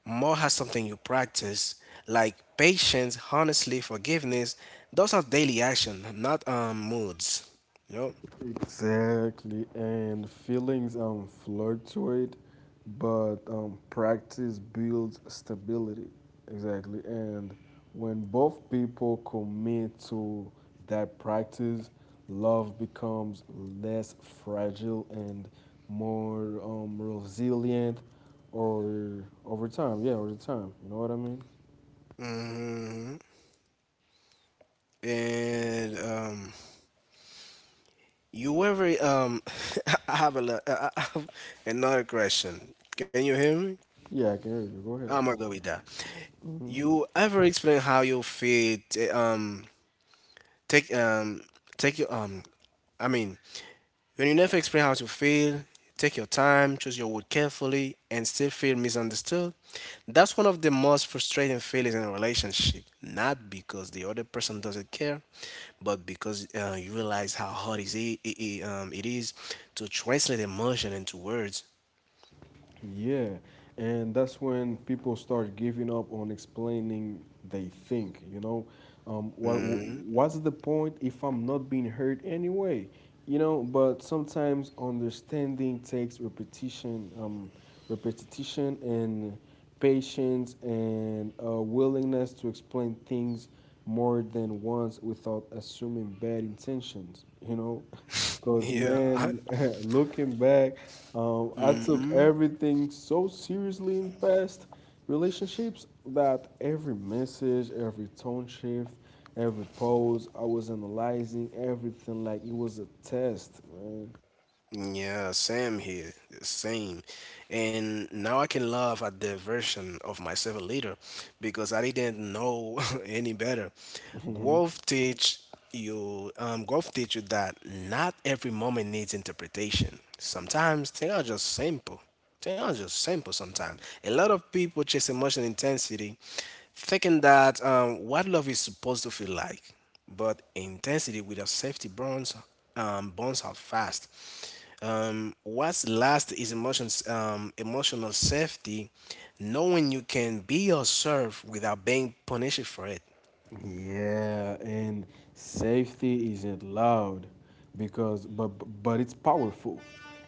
A: more as something you practice, like patience, honestly, forgiveness. Those are daily action, not moods. You know.
B: Exactly, and feelings fluctuate, but practice builds stability. Exactly, and when both people commit to that practice, love becomes less fragile and more resilient, or over time. Yeah, over time. You know what I mean?
A: And you ever I have a lo- I have another question. Can you hear me?
B: Yeah, I can hear you. Go ahead.
A: I'm gonna go with that.
B: Hmm.
A: You ever explain how you feel? T- take take your I mean. When you never explain how to feel, take your time, choose your word carefully, and still feel misunderstood, that's one of the most frustrating feelings in a relationship. Not because the other person doesn't care, but because you realize how hard is it is to translate emotion into words.
B: Yeah, and that's when people start giving up on explaining, they think, you know, what's the point if I'm not being heard anyway, you know? But sometimes understanding takes repetition, repetition, and patience, and a willingness to explain things more than once without assuming bad intentions, you know? Because,
A: Yeah,
B: man, looking back, I took everything so seriously in past relationships that every message, every tone shift, every pose, I was analyzing everything like it was a test, man.
A: yeah, same here, same. And now I can laugh at the version of myself later because I didn't know any better. Growth teach Growth teach you that not every moment needs interpretation. Sometimes things are just simple. Things are just simple sometimes. A lot of people chase emotional intensity, thinking that what love is supposed to feel like, but intensity without safety burns out fast. What's last is emotional safety, knowing you can be yourself without being punished for it.
B: Yeah, and safety isn't loud because but it's powerful.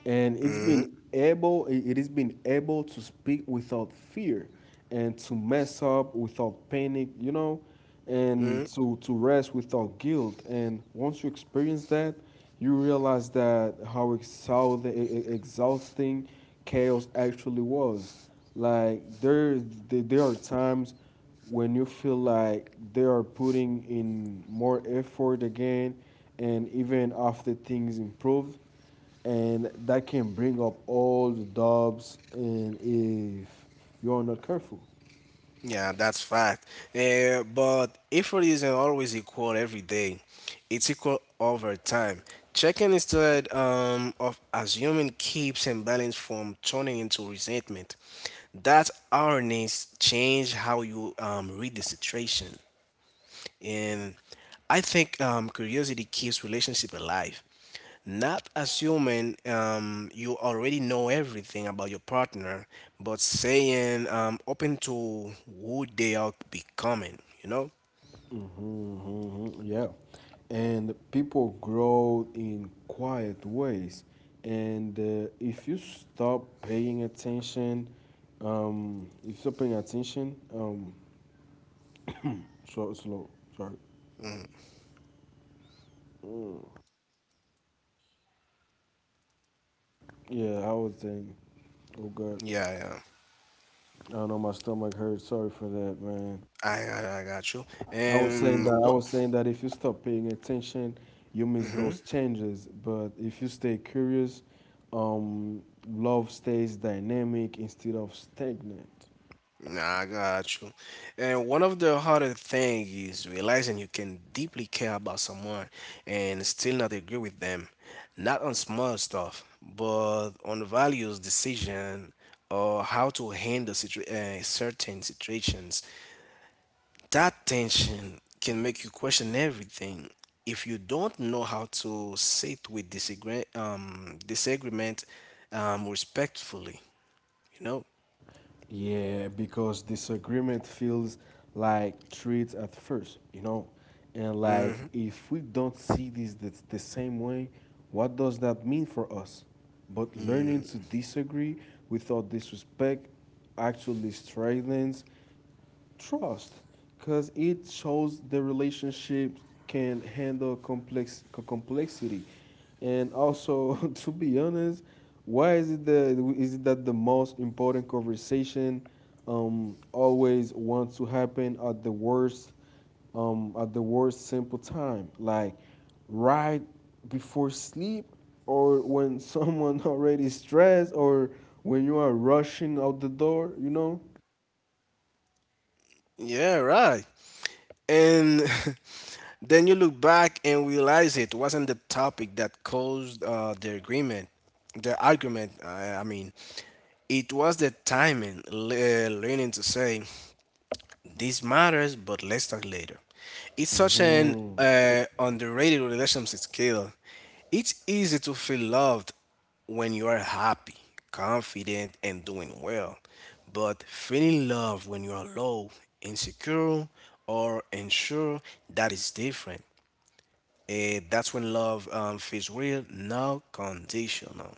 B: And it has been able to speak without fear, and to mess up without panic, you know, and to rest without guilt. And once you experience that, you realize that how exhausting chaos actually was. Like there are times when you feel like they are putting in more effort again, and even after things improve, and that can bring up all the doubts, and if you are not careful.
A: Yeah, that's fact. But effort isn't always equal every day. It's equal over time. Checking instead of assuming keeps imbalance from turning into resentment. That awareness change how you read the situation. And I think curiosity keeps relationship alive. Not assuming you already know everything about your partner, but saying open to who they are becoming. You know?
B: Hmm. Hmm. Yeah, and people grow in quiet ways, and if you stop paying attention if you stop paying attention, so slow, sorry. Yeah, I was thinking, oh God,
A: Yeah, yeah.
B: I don't know, my stomach hurts. Sorry for that, man.
A: I got you. And
B: I
A: what?
B: was saying that if you stop paying attention, you miss those changes. But if you stay curious, um, love stays dynamic instead of stagnant.
A: Nah, I got you. And one of the harder thing is realizing you can deeply care about someone and still not agree with them. Not on small stuff, but on values, decision, or how to handle certain situations. That tension can make you question everything. If you don't know how to sit with disagreement respectfully, you know.
B: Yeah, because disagreement feels like threats at first, you know? And like, if we don't see this the same way, what does that mean for us? But learning to disagree without disrespect actually strengthens trust, because it shows the relationship can handle complexity, and also to be honest, why is it that the most important conversation always wants to happen at the worst simple time, like right before sleep, or when someone already stressed, or when you are rushing out the door, you know.
A: Yeah, right. And then you look back and realize it wasn't the topic that caused the agreement, the argument. I mean, it was the timing, learning to say, this matters, but let's talk later. It's such an
B: Mhm.
A: underrated relationship skill. It's easy to feel loved when you are happy, confident, and doing well. But feeling love when you are low, insecure, or unsure, that is different. Eh, that's when love feels real, not conditional.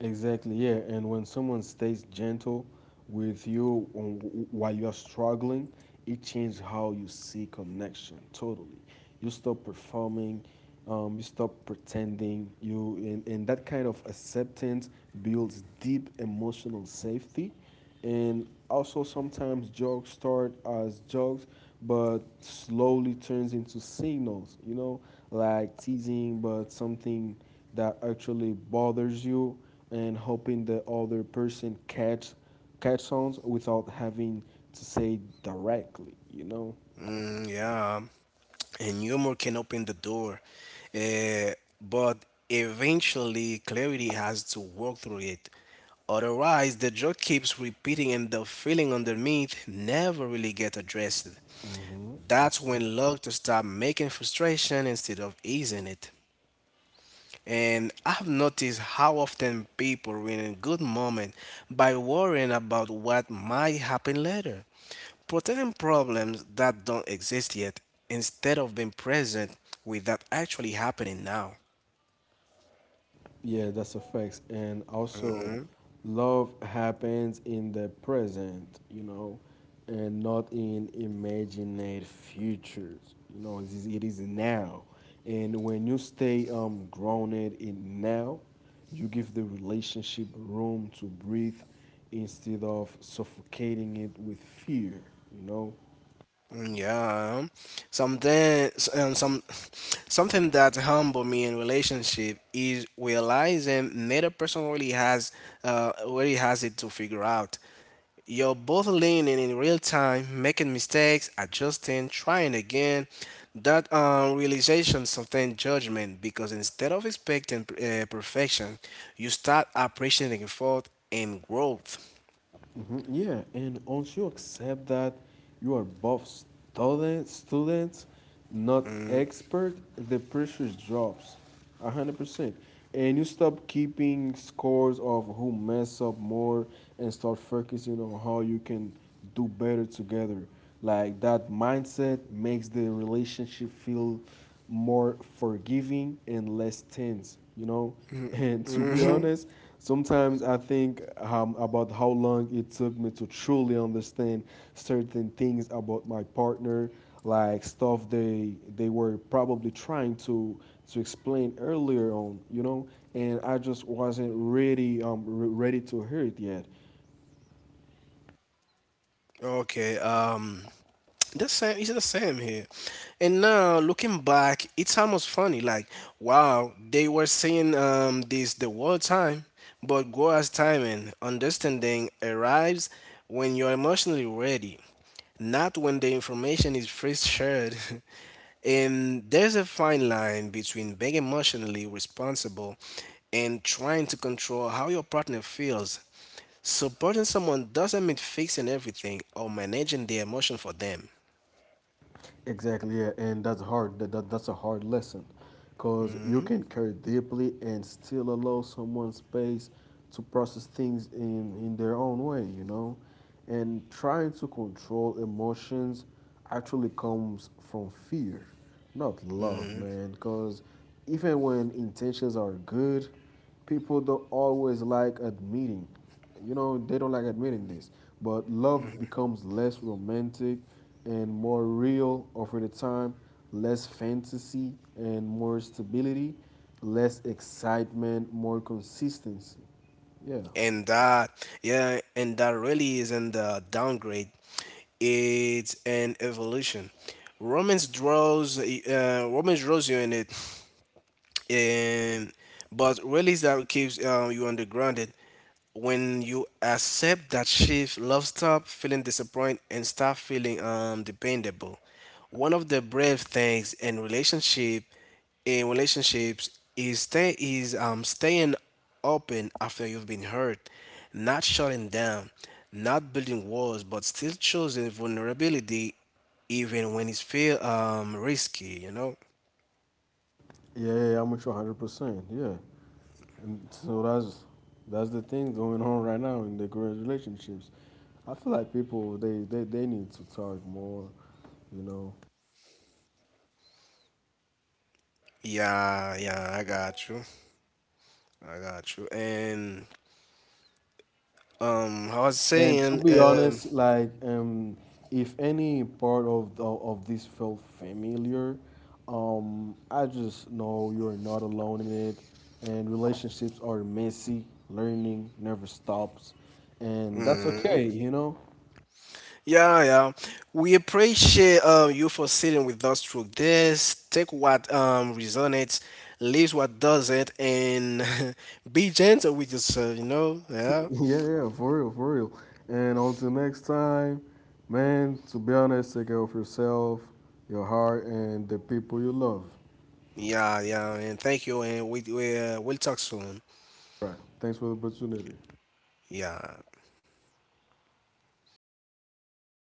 B: Exactly, yeah. And when someone stays gentle with you on, while you're struggling, it changes how you see connection totally. You stop performing, you stop pretending. And that kind of acceptance builds deep emotional safety, and also sometimes jokes start as jokes but slowly turns into signals, you know, like teasing but something that actually bothers you, and hoping the other person catch on without having to say directly, you know.
A: Mm, yeah. And humor can open the door. Uh, but eventually, clarity has to work through it. Otherwise, the joke keeps repeating and the feeling underneath never really gets addressed.
B: Hmm.
A: That's when luck to stop making frustration instead of easing it. And I've noticed how often people ruin a good moment by worrying about what might happen later, protecting problems that don't exist yet instead of being present with that actually happening now.
B: Yeah, that's a fact. And also, love happens in the present, you know, and not in imagined futures. You know, it is now. And when you stay grounded in now, you give the relationship room to breathe instead of suffocating it with fear, you know.
A: Mm, yeah, something um, some something that humbled me in relationship is realizing neither person really has it to figure out. You're both leaning in real time, making mistakes, adjusting, trying again. That realization something judgment, because instead of expecting perfection, you start appreciating effort and growth.
B: Mhm. Yeah, and once you accept that you are both students, not expert, the pressure drops a 100%. And you stop keeping scores of who mess up more and start focusing on how you can do better together. Like that mindset makes the relationship feel more forgiving and less tense, you know? And to be honest, sometimes I think about how long it took me to truly understand certain things about my partner, like stuff they were probably trying to explain earlier on, you know. And I just wasn't ready ready to hear it yet.
A: Okay. Um, the same, it's the same here, and now looking back it's almost funny, like, wow, they were saying this the whole time, but go as time, and understanding arrives when you're emotionally ready, not when the information is first shared. And there's a fine line between being emotionally responsible and trying to control how your partner feels. Supporting someone doesn't mean fixing everything or managing their emotion for them.
B: Exactly, yeah, and that's hard. That's a hard lesson, because you can care deeply and still allow someone space to process things in their own way, you know, and trying to control emotions actually comes from fear, not love, man. Because even when intentions are good, people don't always like admitting, you know, they don't like admitting this, but love becomes less romantic and more real over the time, less fantasy and more stability, less excitement, more consistency. Yeah.
A: And that, yeah, and that really isn't a downgrade, it's an evolution. Romans draws you in it, and but really is that keeps you on the grounded. When you accept that shift, love stop feeling disappointed and start feeling dependable. One of the brave things in relationships is staying open after you've been hurt, not shutting down, not building walls, but still choosing vulnerability, even when it's feel risky, you know.
B: Yeah, yeah, yeah, I'm with you 100%. Yeah. And so that's the thing going on right now in the current relationships. I feel like people they need to talk more, you know.
A: Yeah, yeah, I got you. I got you. And I was
B: And to
A: saying,
B: be honest, like if any part of of this felt familiar, I just know you're not alone in it. And relationships are messy. Learning never stops, and that's okay, you know.
A: yeah, yeah, we appreciate you for sitting with us through this. Take what resonates, leave what doesn't, and be gentle with yourself. You know, yeah,
B: Yeah, yeah, for real, for real. And until next time, man. To be honest, take care of yourself, your heart, and the people you love.
A: yeah, yeah. And thank you. And we we'll talk soon.
B: Right. Thanks for the opportunity.
A: Yeah.